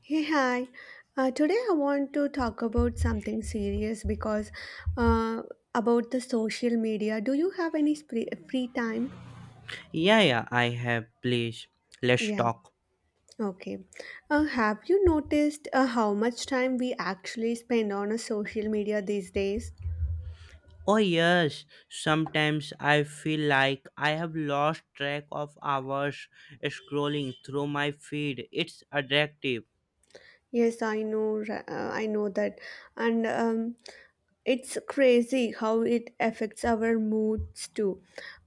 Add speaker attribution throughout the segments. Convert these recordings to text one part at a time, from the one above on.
Speaker 1: Hey, hi. Today I want to talk about something serious because uh, about the social media. Do you have any free time?
Speaker 2: Yeah, yeah, I have. Please, let's
Speaker 1: Yeah,
Speaker 2: talk.
Speaker 1: okay. Have you noticed how much time we actually spend on a social media these days?
Speaker 2: Oh, yes. Sometimes I feel like I have lost track of hours scrolling through my feed. It's addictive.
Speaker 1: Yes, I know. I know that, and it's crazy how it affects our moods too.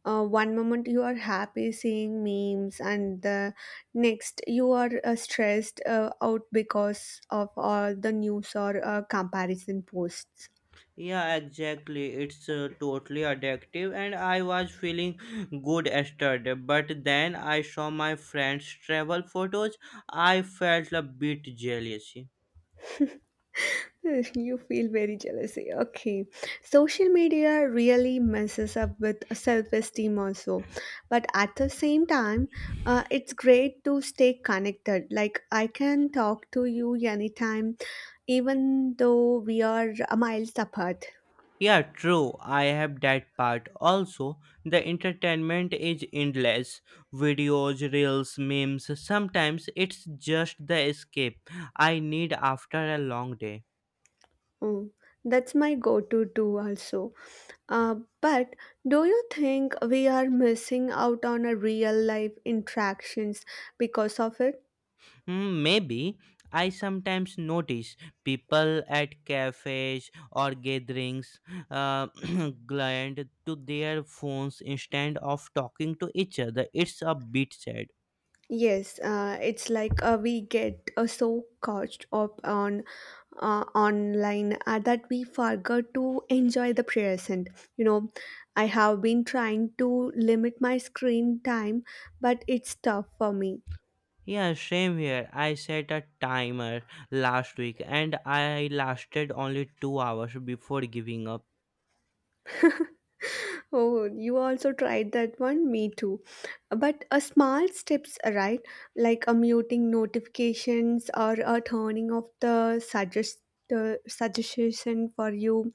Speaker 1: One moment you are happy seeing memes, and the next you are stressed out because of all the news or comparison posts.
Speaker 2: Yeah, exactly. It's totally addictive, and I was feeling good yesterday. But then I saw my friends' travel photos. I felt a bit jealous.
Speaker 1: You feel very jealousy. Okay. Social media really messes up with self esteem, also. But at the same time, it's great to stay connected. Like, I can talk to you anytime even though we are miles apart.
Speaker 2: Yeah, true. I have that part. Also, the entertainment is endless. Videos, reels, memes. Sometimes it's just the escape I need after a long day.
Speaker 1: Mm, that's my go to too, also. Uh, but do you think we are missing out on a real life interactions because of it?
Speaker 2: Hmm, maybe I sometimes notice people at cafes or gatherings uh, glued to their phones instead of talking to each other. It's a bit sad.
Speaker 1: Yes, it's like we get so caught up on online that we forget to enjoy the present. You know, I have been trying to limit my screen time, but it's tough for me.
Speaker 2: Yeah, same here. I set a timer last week and I lasted only 2 hours before giving up.
Speaker 1: Oh, you also tried that one? Me too. But a small steps, right? Like a muting notifications or a turning off the suggestion for you.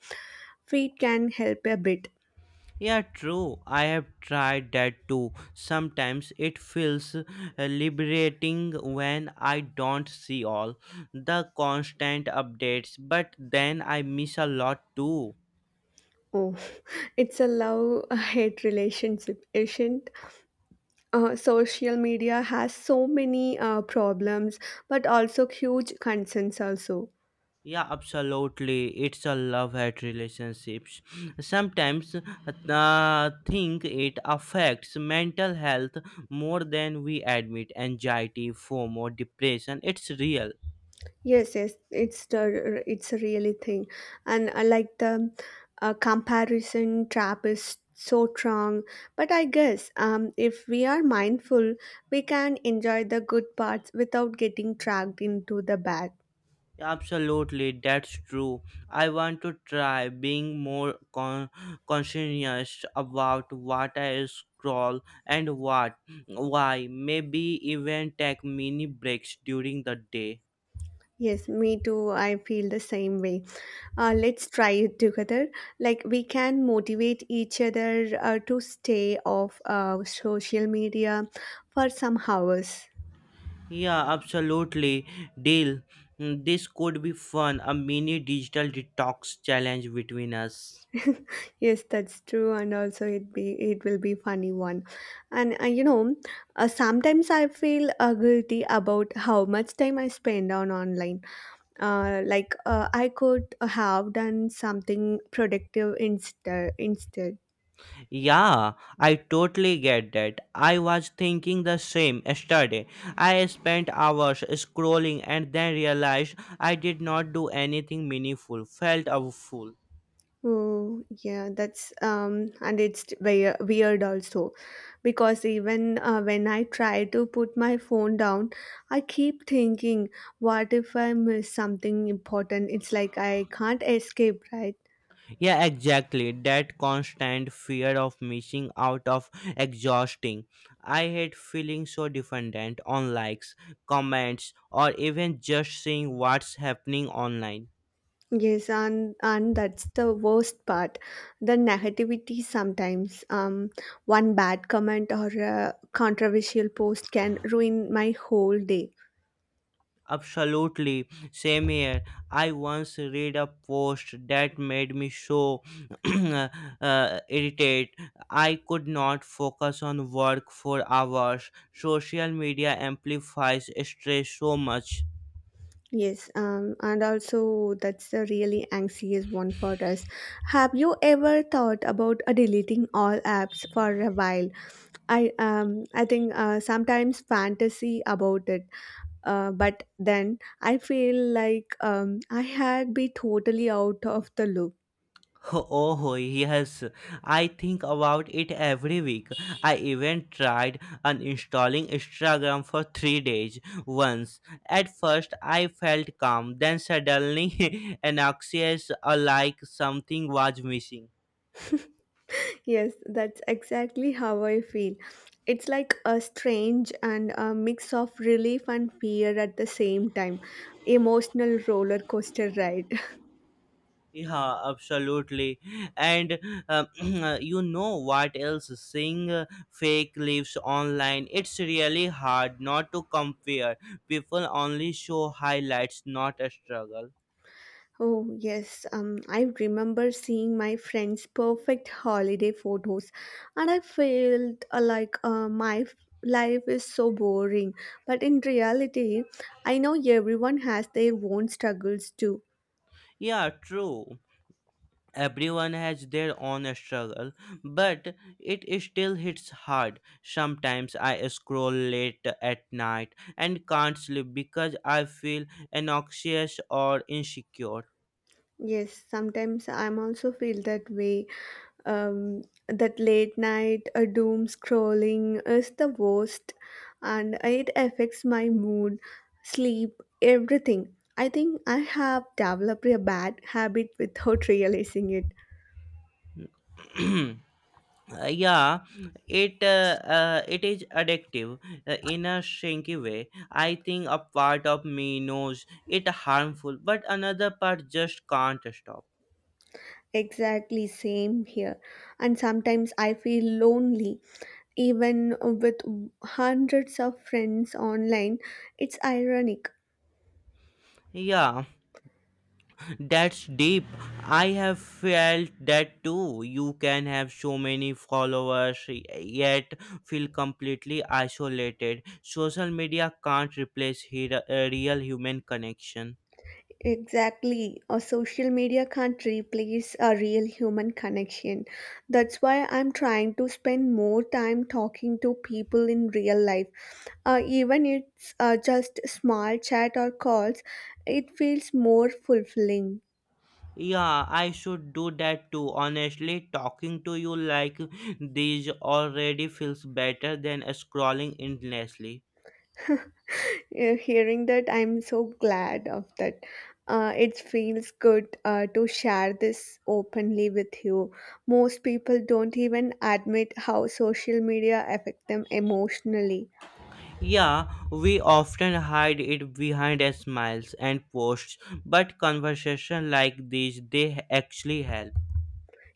Speaker 1: Feed can help a bit.
Speaker 2: Yeah, true. I have tried that too. Sometimes it feels liberating when I don't see all the constant updates, but then I miss a lot too.
Speaker 1: Oh, it's a love hate relationship, isn't? Social media has so many problems, but also huge concerns also.
Speaker 2: Yeah, absolutely. It's a love hate relationships. Sometimes think it affects mental health more than we admit. Anxiety, FOMO, depression. It's real.
Speaker 1: Yes, yes, it's the it's a really thing, and I like the comparison trap is so strong. But I guess if we are mindful, we can enjoy the good parts without getting dragged into the bad.
Speaker 2: Absolutely, that's true. I want to try being conscientious about what I scroll and what, why. Maybe even take mini breaks during the day.
Speaker 1: Yes, me too. I feel the same way. Let's try it together. Like we can motivate each other to stay off social media for some hours.
Speaker 2: Yeah, absolutely. Deal. Mm, this could be fun. A mini digital detox challenge between us.
Speaker 1: Yes, that's true, and also it will be funny one, and you know, sometimes I feel guilty about how much time I spend on online. Like I could have done something productive instead. Instead,
Speaker 2: Yeah, I totally get that. I was thinking the same yesterday. I spent hours scrolling and then realized I did not do anything meaningful. Felt a fool.
Speaker 1: oh, yeah, that's and it's very weird also because even when I try to put my phone down, I keep thinking, what if I miss something important? It's like I can't escape, right?
Speaker 2: Yeah, exactly. That constant fear of missing out of exhausting. I hate feeling so dependent on likes, comments, or even just seeing what's happening online.
Speaker 1: Yes, and that's the worst part, the negativity sometimes. One bad comment or a controversial post can ruin my whole day.
Speaker 2: Absolutely. Same here. I once read a post that made me so irritated. I could not focus on work for hours. Social media amplifies stress so much.
Speaker 1: Yes, and also that's a really anxious one for us. Have you ever thought about deleting all apps for a while? I think sometimes fantasy about it, but then I feel like I had be totally out of the loop.
Speaker 2: Oh, yes, I think about it every week. I even tried uninstalling Instagram for 3 days once. At first, I felt calm, then suddenly anxious, like something was missing.
Speaker 1: Yes, that's exactly how I feel. It's like a strange and a mix of relief and fear at the same time, emotional roller coaster ride.
Speaker 2: Yeah, absolutely. And um, you know what else? Seeing fake lives online, it's really hard not to compare. People only show highlights, not a struggle.
Speaker 1: Oh, yes. I remember seeing my friend's perfect holiday photos, and I felt like life is so boring. But in reality, I know everyone has their own struggles too.
Speaker 2: Yeah, true. Everyone has their own struggle, but it still hits hard. Sometimes I scroll late at night and can't sleep because I feel anxious or insecure.
Speaker 1: Yes, sometimes I'm also feel that way. That late night doom scrolling is the worst and it affects my mood, sleep, everything. I think I have developed a bad habit without realizing it.
Speaker 2: Yeah, it is addictive in a sneaky way. I think a part of me knows it harmful, but another part just can't stop.
Speaker 1: Exactly same here. And sometimes I feel lonely even with hundreds of friends online. It's ironic.
Speaker 2: Yeah, that's deep. I have felt that too. You can have so many followers yet feel completely isolated. Social media can't replace a real human connection.
Speaker 1: Exactly. A social media can't replace a real human connection. That's why I'm trying to spend more time talking to people in real life. Even it's just small chat or calls, it feels more fulfilling.
Speaker 2: Yeah, I should do that too. Honestly, talking to you like these already feels better than scrolling endlessly.
Speaker 1: Hearing that, I'm so glad of that. It feels good to share this openly with you. Most people don't even admit how social media affect them emotionally.
Speaker 2: Yeah, we often hide it behind smiles and posts, but conversation like these they actually help.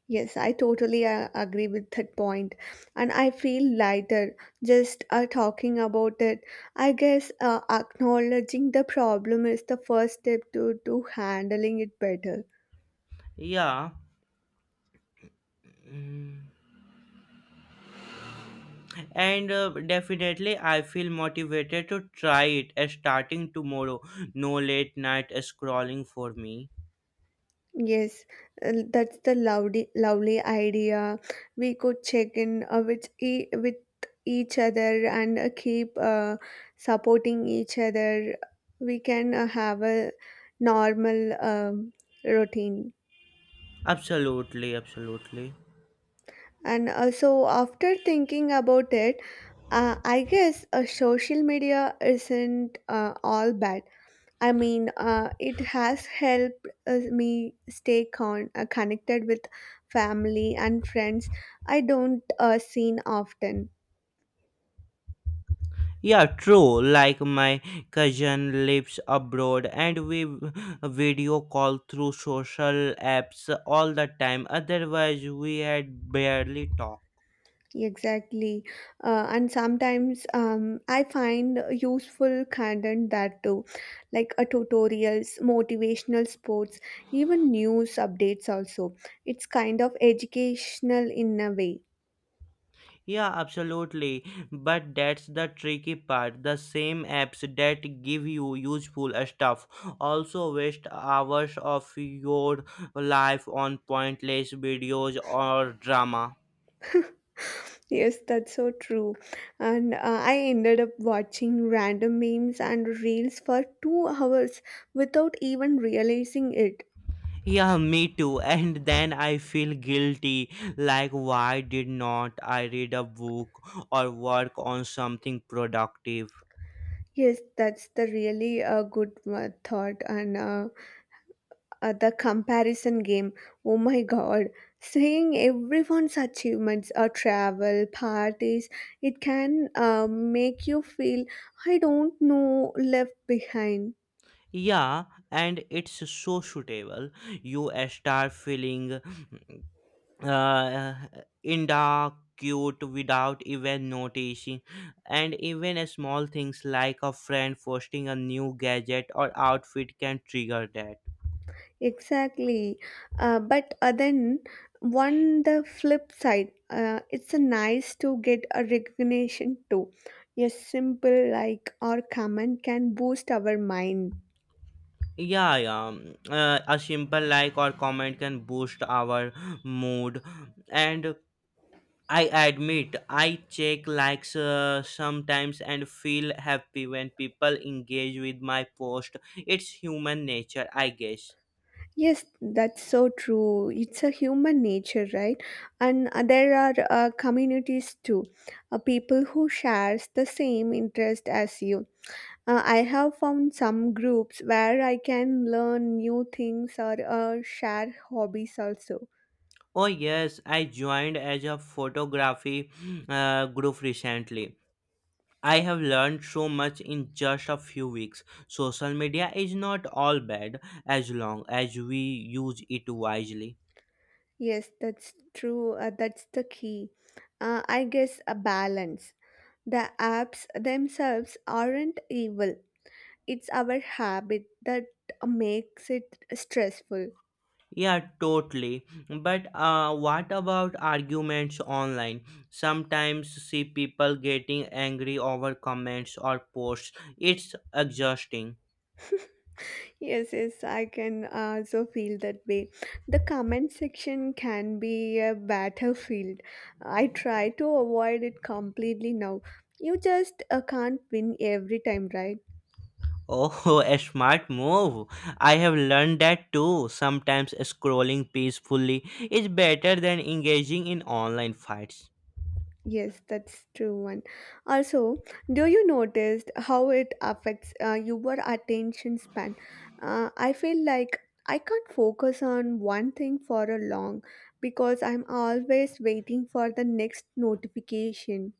Speaker 1: Yes, I totally agree with that point, and I feel lighter just talking about it. I guess acknowledging the problem is the first step to handling it better.
Speaker 2: Yeah, and definitely I feel motivated to try it starting tomorrow. No late night scrolling for me.
Speaker 1: Yes, that's the lovely lovely idea. We could check in with each other and keep supporting each other. We can have a normal routine.
Speaker 2: Absolutely, absolutely.
Speaker 1: And so, after thinking about it, I guess social media isn't all bad. I mean, it has helped me stay connected with family and friends I don't seen often.
Speaker 2: Yeah, true. Like my cousin lives abroad and we video call through social apps all the time. Otherwise, we had barely talked.
Speaker 1: Exactly. And sometimes I find useful content that too, like tutorials, motivational sports, even news updates also. It's kind of educational in a way.
Speaker 2: Yeah, absolutely. But that's the tricky part. The same apps that give you useful stuff also waste hours of your life on pointless videos or drama.
Speaker 1: Yes, that's so true. And I ended up watching random memes and reels for 2 hours without even realizing it.
Speaker 2: Yeah, me too. And then I feel guilty. Like, why did not I read a book or work on something productive?
Speaker 1: Yes, that's the really good thought and the comparison game. Oh my god, seeing everyone's achievements or travel, parties, it can make you feel, I don't know, left behind.
Speaker 2: Yeah, and it's so suitable. You start feeling uh, in dark cute without even noticing, and even a small things like a friend posting a new gadget or outfit can trigger that.
Speaker 1: Exactly. But then, one the flip side, it's a nice to get a recognition too. A simple like or comment can boost our mind.
Speaker 2: Yeah, yeah, a simple like or comment can boost our mood, and I admit I check likes sometimes and feel happy when people engage with my post. It's human nature, I guess.
Speaker 1: Yes, that's so true. It's a human nature, right? And there are communities too, people who shares the same interest as you. I have found some groups where I can learn new things or share hobbies also.
Speaker 2: Oh, yes, I joined as a photography group recently. I have learned so much in just a few weeks. Social media is not all bad as long as we use it wisely.
Speaker 1: Yes, that's true. That's the key. I guess a balance. The apps themselves aren't evil. It's our habit that makes it stressful.
Speaker 2: Yeah, totally. But what about arguments online? Sometimes see people getting angry over comments or posts. It's exhausting.
Speaker 1: Yes, yes, I can also feel that way. The comment section can be a battlefield. I try to avoid it completely now. You just can't win every time, right?
Speaker 2: Oh, a smart move. I have learned that too. Sometimes scrolling peacefully is better than engaging in online fights.
Speaker 1: Yes, that's true one. Also, do you notice how it affects your attention span? I feel like I can't focus on one thing for a long because I'm always waiting for the next notifications.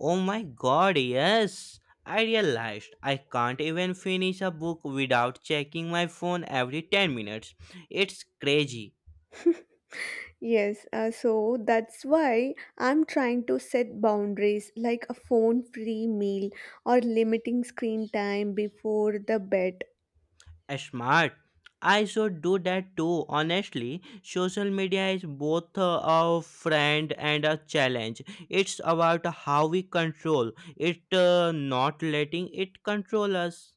Speaker 2: Oh my god, yes. I realized I can't even finish a book without checking my phone every 10 minutes. It's crazy.
Speaker 1: Yes, so that's why I'm trying to set boundaries like a phone free meal or limiting screen time before the bed.
Speaker 2: Smart. I should do that too. Honestly, social media is both a friend and a challenge. It's about how we control it, not letting it control us.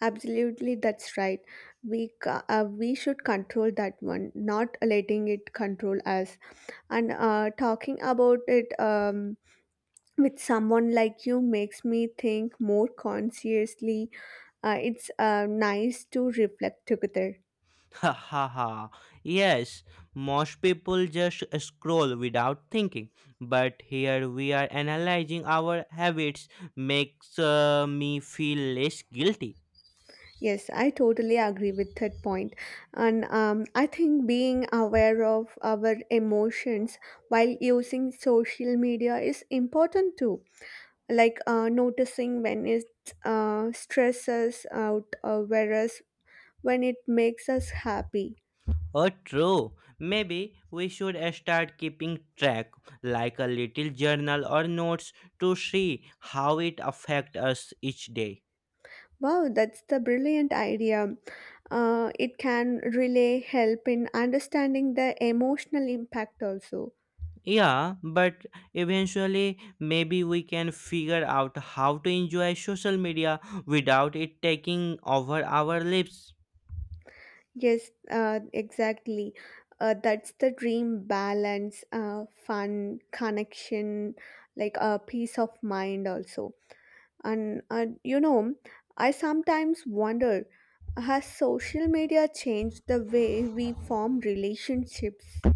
Speaker 1: Absolutely, that's right. We should control that one, not letting it control us. And talking about it with someone like you makes me think more consciously. It's nice to reflect together.
Speaker 2: Ha ha ha. Yes, most people just scroll without thinking, but here we are analyzing our habits, makes me feel less guilty.
Speaker 1: Yes, I totally agree with that point. And I think being aware of our emotions while using social media is important too. Like noticing when it stresses out, whereas when it makes us happy.
Speaker 2: Oh, true. Maybe we should start keeping track, like a little journal or notes, to see how it affects us each day.
Speaker 1: Wow, that's the brilliant idea. It can really help in understanding the emotional impact also.
Speaker 2: Yeah, but eventually, maybe we can figure out how to enjoy social media without it taking over our lives.
Speaker 1: Yes, exactly. That's the dream balance, fun, connection, like a peace of mind also. And you know, I sometimes wonder, has social media changed the way we form relationships?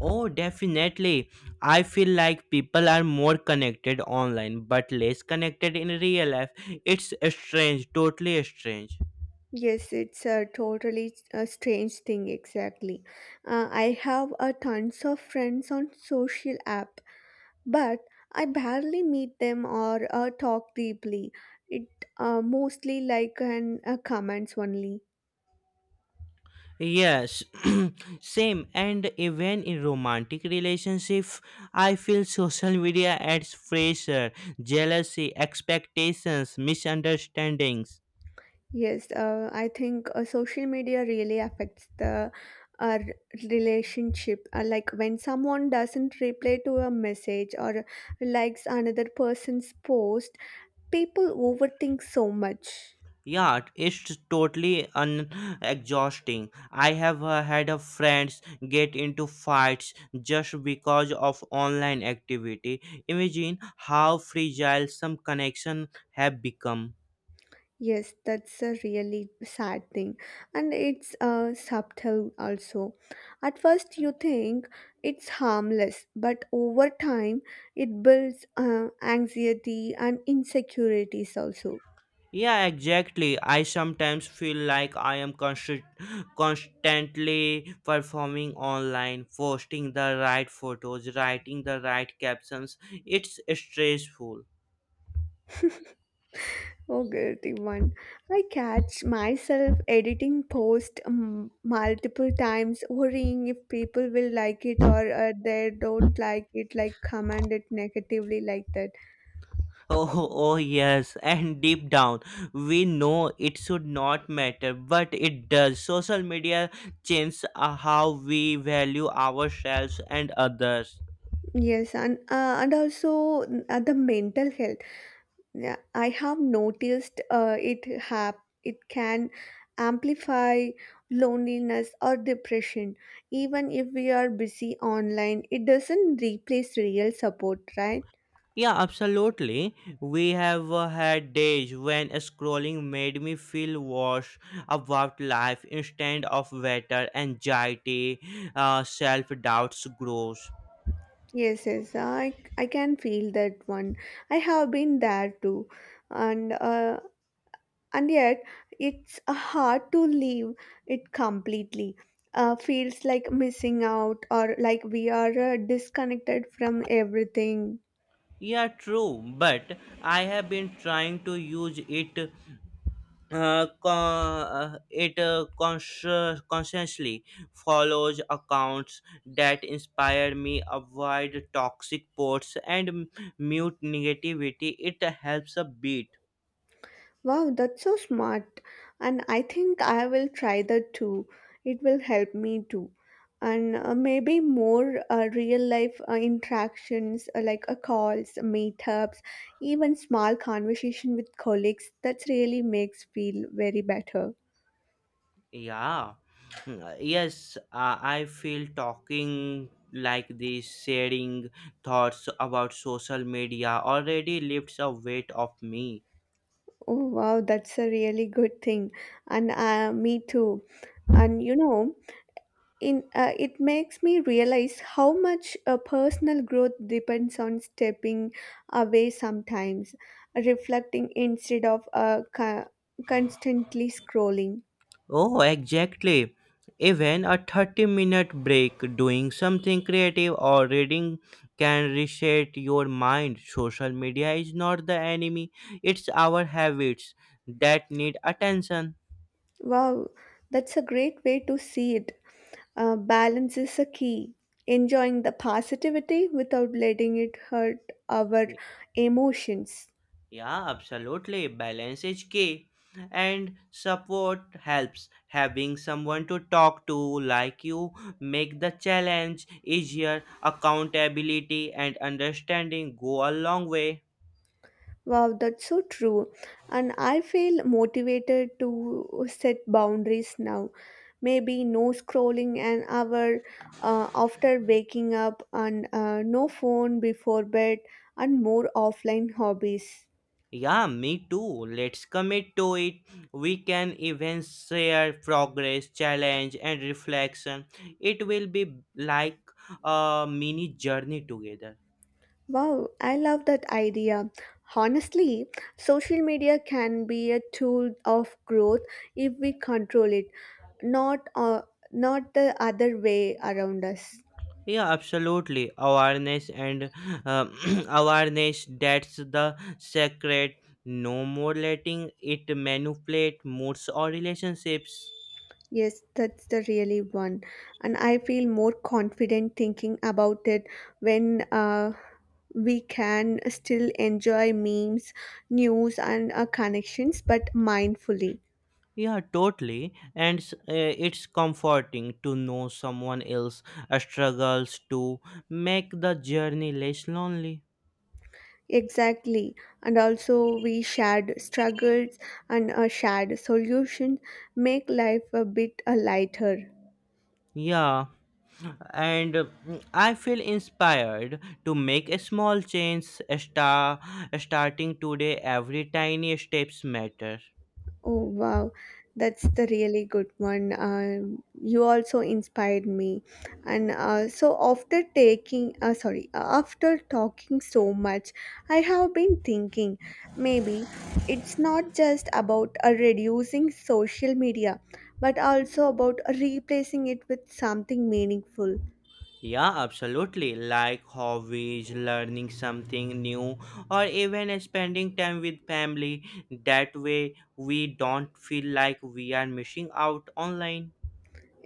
Speaker 2: Oh, definitely. I feel like people are more connected online but less connected in real life. It's strange, totally strange.
Speaker 1: Yes, it's a totally a strange thing, exactly. I have a tons of friends on social app but I barely meet them or talk deeply. It mostly like and comments only.
Speaker 2: Yes, same. And even in romantic relationship, I feel social media adds pressure, jealousy, expectations, misunderstandings.
Speaker 1: Yes, I think social media really affects the uh, r- relationship. Like when someone doesn't reply to a message or likes another person's post, people overthink so much.
Speaker 2: Yeah, it's totally exhausting. I have had a friends get into fights just because of online activity. Imagine how fragile some connection have become.
Speaker 1: Yes, that's a really sad thing, and it's subtle also. At first, you think it's harmless, but over time, it builds anxiety and insecurities also.
Speaker 2: Yeah, exactly. I sometimes feel like I am constantly performing online, posting the right photos, writing the right captions. It's stressful.
Speaker 1: Oh, guilty one. I catch myself editing post multiple times, worrying if people will like it or they don't like it, like comment it negatively like that.
Speaker 2: Oh, oh, yes. And deep down, we know it should not matter, but it does. Social media changes how we value ourselves and others.
Speaker 1: Yes, and also the mental health. Yeah, I have noticed it can amplify loneliness or depression. Even if we are busy online, it doesn't replace real support, right?
Speaker 2: Yeah, absolutely. We have had days when scrolling made me feel worse about life instead of better. Anxiety, self doubts grows.
Speaker 1: Yes, yes, I can feel that one. I have been there too, and uh, and yet it's hard to leave it completely. Feels like missing out or like we are disconnected from everything.
Speaker 2: Yeah, true. But I have been trying to use it, consciously. Follows accounts that inspire me. Avoid toxic posts and mute negativity. It helps a bit.
Speaker 1: Wow, that's so smart, and I think I will try that too. It will help me too, and maybe more real life interactions like calls meetups, even small conversation with colleagues that really makes feel very better.
Speaker 2: Yeah, mm, yes, I feel talking like this, sharing thoughts about social media already lifts a weight off me.
Speaker 1: Oh wow, that's a really good thing, and me too. And you know, in it makes me realize how much personal growth depends on stepping away sometimes, reflecting instead of constantly scrolling.
Speaker 2: Oh, exactly. Even a 30-minute break doing something creative or reading can reset your mind. Social media is not the enemy, it's our habits that need attention.
Speaker 1: Wow, that's a great way to see it. Balance is a key. Enjoying the positivity without letting it hurt our emotions.
Speaker 2: Yeah, absolutely. Balance is key. And support helps. Having someone to talk to like you make the challenge easier. Accountability and understanding go a long way.
Speaker 1: Wow, that's so true. And I feel motivated to set boundaries now. Maybe no scrolling an hour after waking up, and no phone before bed, and more offline hobbies.
Speaker 2: Yeah, me too. Let's commit to it. We can even share progress, challenge, and reflection. It will be like a mini journey together.
Speaker 1: Wow, I love that idea. Honestly, social media can be a tool of growth if we control it, not uh, not the other way around us.
Speaker 2: Yeah, absolutely, awareness and uh, awareness, that's the secret. No more letting it manipulate moods or relationships.
Speaker 1: Yes, that's the really one. And I feel more confident thinking about it when we can still enjoy memes, news, and connections, but mindfully.
Speaker 2: Yeah, totally, and it's comforting to know someone else struggles to make the journey less lonely.
Speaker 1: Exactly. And also, we shared struggles and shared solutions make life a bit lighter.
Speaker 2: Yeah, and I feel inspired to make a small change, star, starting today. Every tiny steps matter.
Speaker 1: Oh, wow. That's the really good one. You also inspired me. And so after taking, sorry, after talking so much, I have been thinking maybe it's not just about reducing social media, but also about replacing it with something meaningful.
Speaker 2: Yeah, absolutely. Like hobbies, learning something new, or even spending time with family. That way, we don't feel like we are missing out online.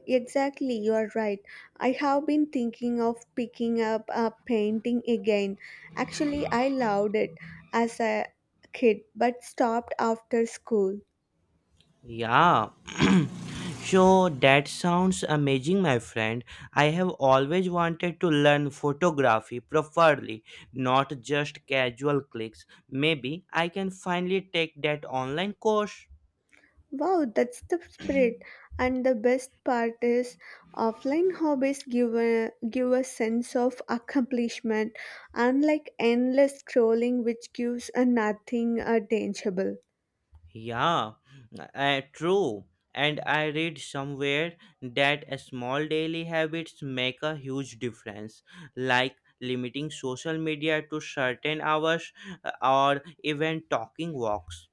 Speaker 1: Exactly, you are right. I have been thinking of picking up a painting again. Actually, I loved it as a kid but stopped after school.
Speaker 2: Yeah. So that sounds amazing, my friend. I have always wanted to learn photography properly, not just casual clicks. Maybe I can finally take that online course.
Speaker 1: Wow, that's the spirit. And the best part is offline hobbies give a sense of accomplishment unlike endless scrolling which gives a nothing tangible.
Speaker 2: Yeah, true. And I read somewhere that a small daily habits make a huge difference, like limiting social media to certain hours or even talking walks.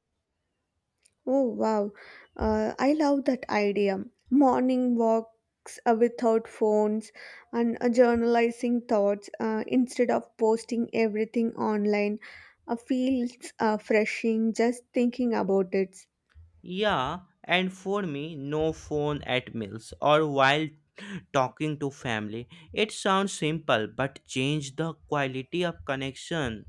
Speaker 1: Oh wow, I love that idea. Morning walks without phones and journalizing thoughts instead of posting everything online feels refreshing just thinking about it.
Speaker 2: Yeah, and for me, no phone at meals or while talking to family. It sounds simple, but change the quality of connection.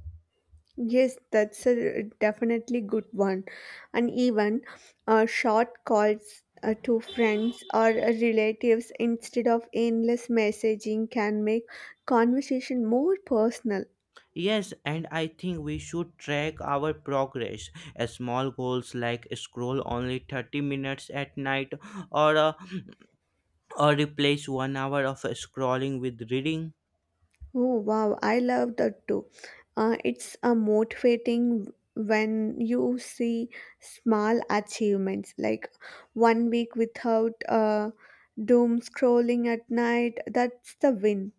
Speaker 1: Yes, that's a definitely good one. And even short calls to friends or relatives instead of endless messaging can make conversation more personal.
Speaker 2: Yes, and I think we should track our progress. Small goals like scroll only 30 minutes at night or uh, or replace 1 hour of scrolling with reading.
Speaker 1: Oh wow, I love that too. It's a motivating when you see small achievements like one week without doom scrolling at night. That's the win.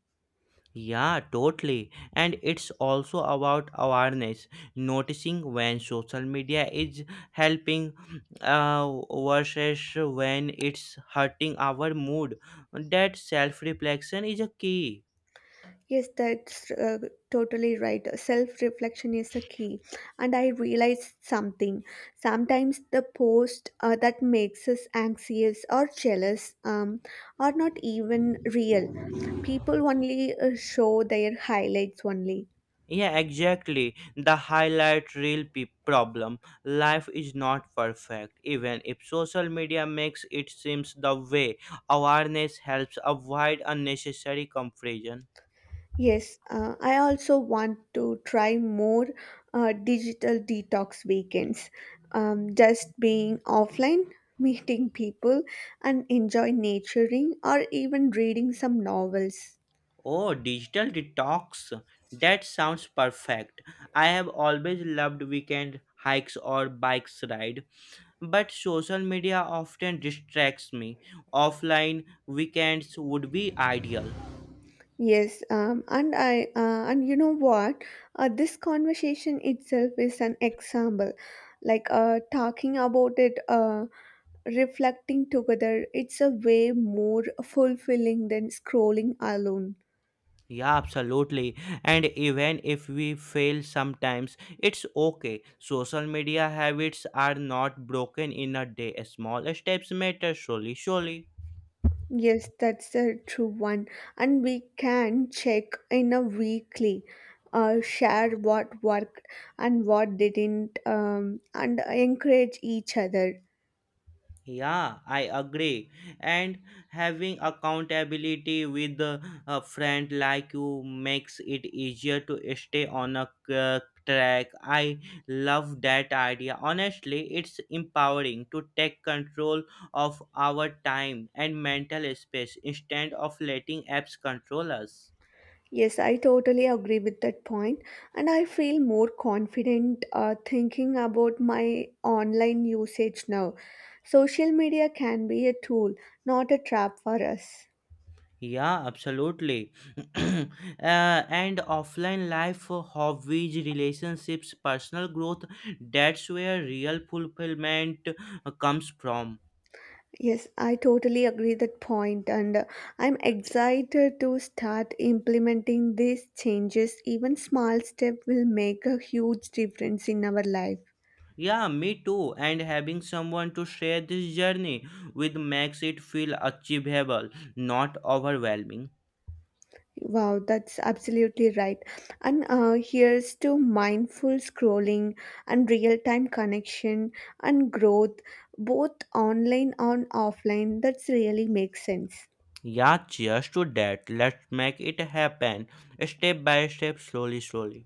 Speaker 2: Yeah, totally. And it's also about awareness, noticing when social media is helping uh, versus when it's hurting our mood. That self-reflection is a key.
Speaker 1: Yes, that's totally right. Self reflection is the key. And I realized something. Sometimes the post that makes us anxious or jealous are not even real. People only show their highlights only.
Speaker 2: Yeah, exactly. The highlight reel problem. Life is not perfect, even if social media makes it seems the way. Awareness helps avoid unnecessary confusion.
Speaker 1: Yes, I also want to try more digital detox weekends. Just being offline, meeting people, and enjoy naturing or even reading some novels.
Speaker 2: Oh, digital detox. That sounds perfect. I have always loved weekend hikes or bikes ride, but social media often distracts me. Offline weekends would be ideal.
Speaker 1: Yes, and you know what? This conversation itself is an example. Like talking about it, reflecting together, it's a way more fulfilling than scrolling alone.
Speaker 2: Yeah, absolutely. And even if we fail sometimes, it's okay. Social media habits are not broken in a day. Small steps matter, surely, surely.
Speaker 1: Yes, that's a true one. And we can check in a weekly, share what worked and what didn't, and encourage each other.
Speaker 2: Yeah, I agree. And having accountability with a friend like you makes it easier to stay on track. I love that idea. Honestly, it's empowering to take control of our time and mental space instead of letting apps control us.
Speaker 1: Yes, I totally agree with that point, and I feel more confident thinking about my online usage now. Social media can be a tool, not a trap for us.
Speaker 2: Yeah, absolutely. uh, and offline life, hobbies, relationships, personal growth, that's where real fulfillment comes from.
Speaker 1: Yes, I totally agree that point, and I'm excited to start implementing these changes. Even small step will make a huge difference in our life.
Speaker 2: Yeah, me too. And having someone to share this journey with makes it feel achievable, not overwhelming.
Speaker 1: Wow, that's absolutely right. And here's to mindful scrolling and real-time connection and growth, both online and offline. That's really makes sense.
Speaker 2: Yeah, cheers to that. Let's make it happen step by step, slowly, slowly.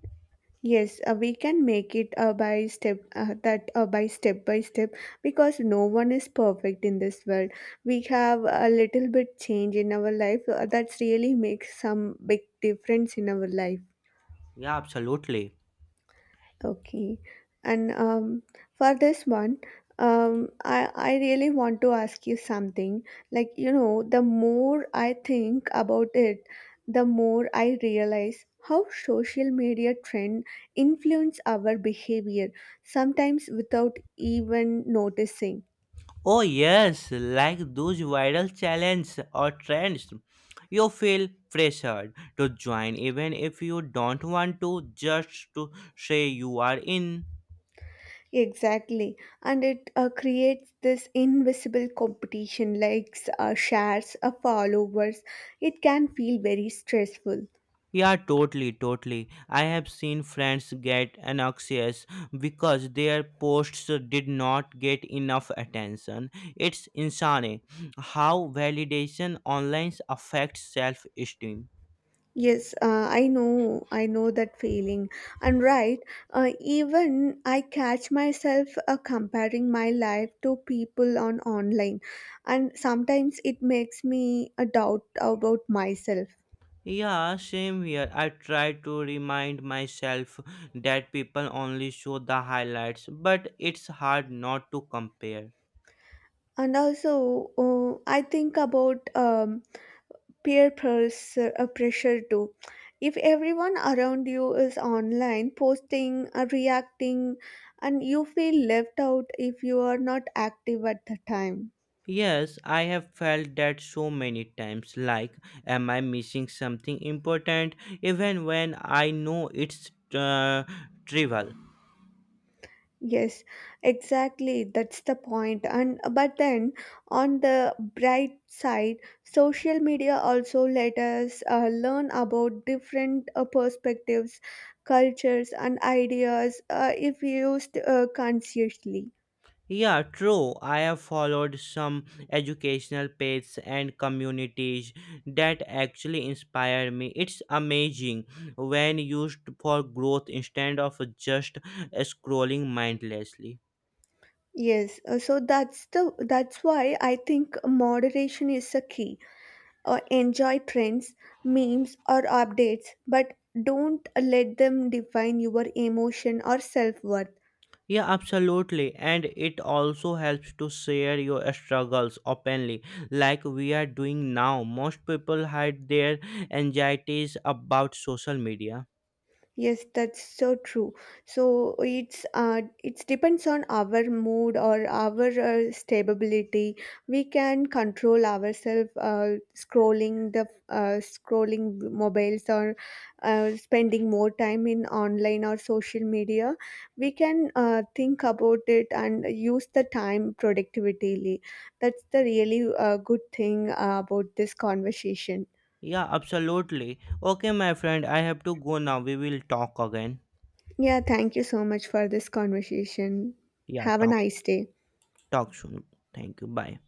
Speaker 1: Yes, we can make it by step because no one is perfect in this world. We have a little bit change in our life that's really makes some big difference in our life.
Speaker 2: Yeah, absolutely.
Speaker 1: Okay. And for this one, I really want to ask you something. Like, you know, the more I think about it, the more I realize how social media trend influence our behavior, sometimes without even noticing.
Speaker 2: Oh yes, like those viral challenges or trends. You feel pressured to join even if you don't want to just to say you are in.
Speaker 1: Exactly. And it creates this invisible competition, likes, shares, followers. It can feel very stressful.
Speaker 2: Yeah, totally, totally. I have seen friends get anxious because their posts did not get enough attention. It's insane how validation online affects self-esteem.
Speaker 1: Yes, I know that feeling. And right, even I catch myself comparing my life to people on online, and sometimes it makes me a doubt about myself.
Speaker 2: Yeah, same here. I try to remind myself that people only show the highlights, but it's hard not to compare.
Speaker 1: And also, I think about peer pressure too. If everyone around you is online, posting, reacting, and you feel left out if you are not active at the time.
Speaker 2: Yes, I have felt that so many times like, am I missing something important, even when I know it's trivial.
Speaker 1: Yes, exactly. That's the point. And but then on the bright side, social media also let us learn about different perspectives, cultures, and ideas if used consciously.
Speaker 2: Yeah, true. I have followed some educational pages and communities that actually inspire me. It's amazing when used for growth instead of just scrolling mindlessly.
Speaker 1: Yes, so that's why I think moderation is a key. Enjoy trends, memes, or updates, but don't let them define your emotion or self-worth.
Speaker 2: Yeah, absolutely. And it also helps to share your struggles openly, like we are doing now. Most people hide their anxieties about social media.
Speaker 1: Yes, that's so true. So it depends on our mood or our stability. We can control ourselves scrolling mobiles or spending more time in online or social media. We can think about it and use the time productively. That's the really good thing about this conversation.
Speaker 2: Yeah, absolutely. Okay, my friend, I have to go now. We will talk again.
Speaker 1: Yeah, thank you so much for this conversation.
Speaker 2: Yeah,
Speaker 1: Have a
Speaker 2: talk,
Speaker 1: nice day.
Speaker 2: talk soon. Thank you. Bye.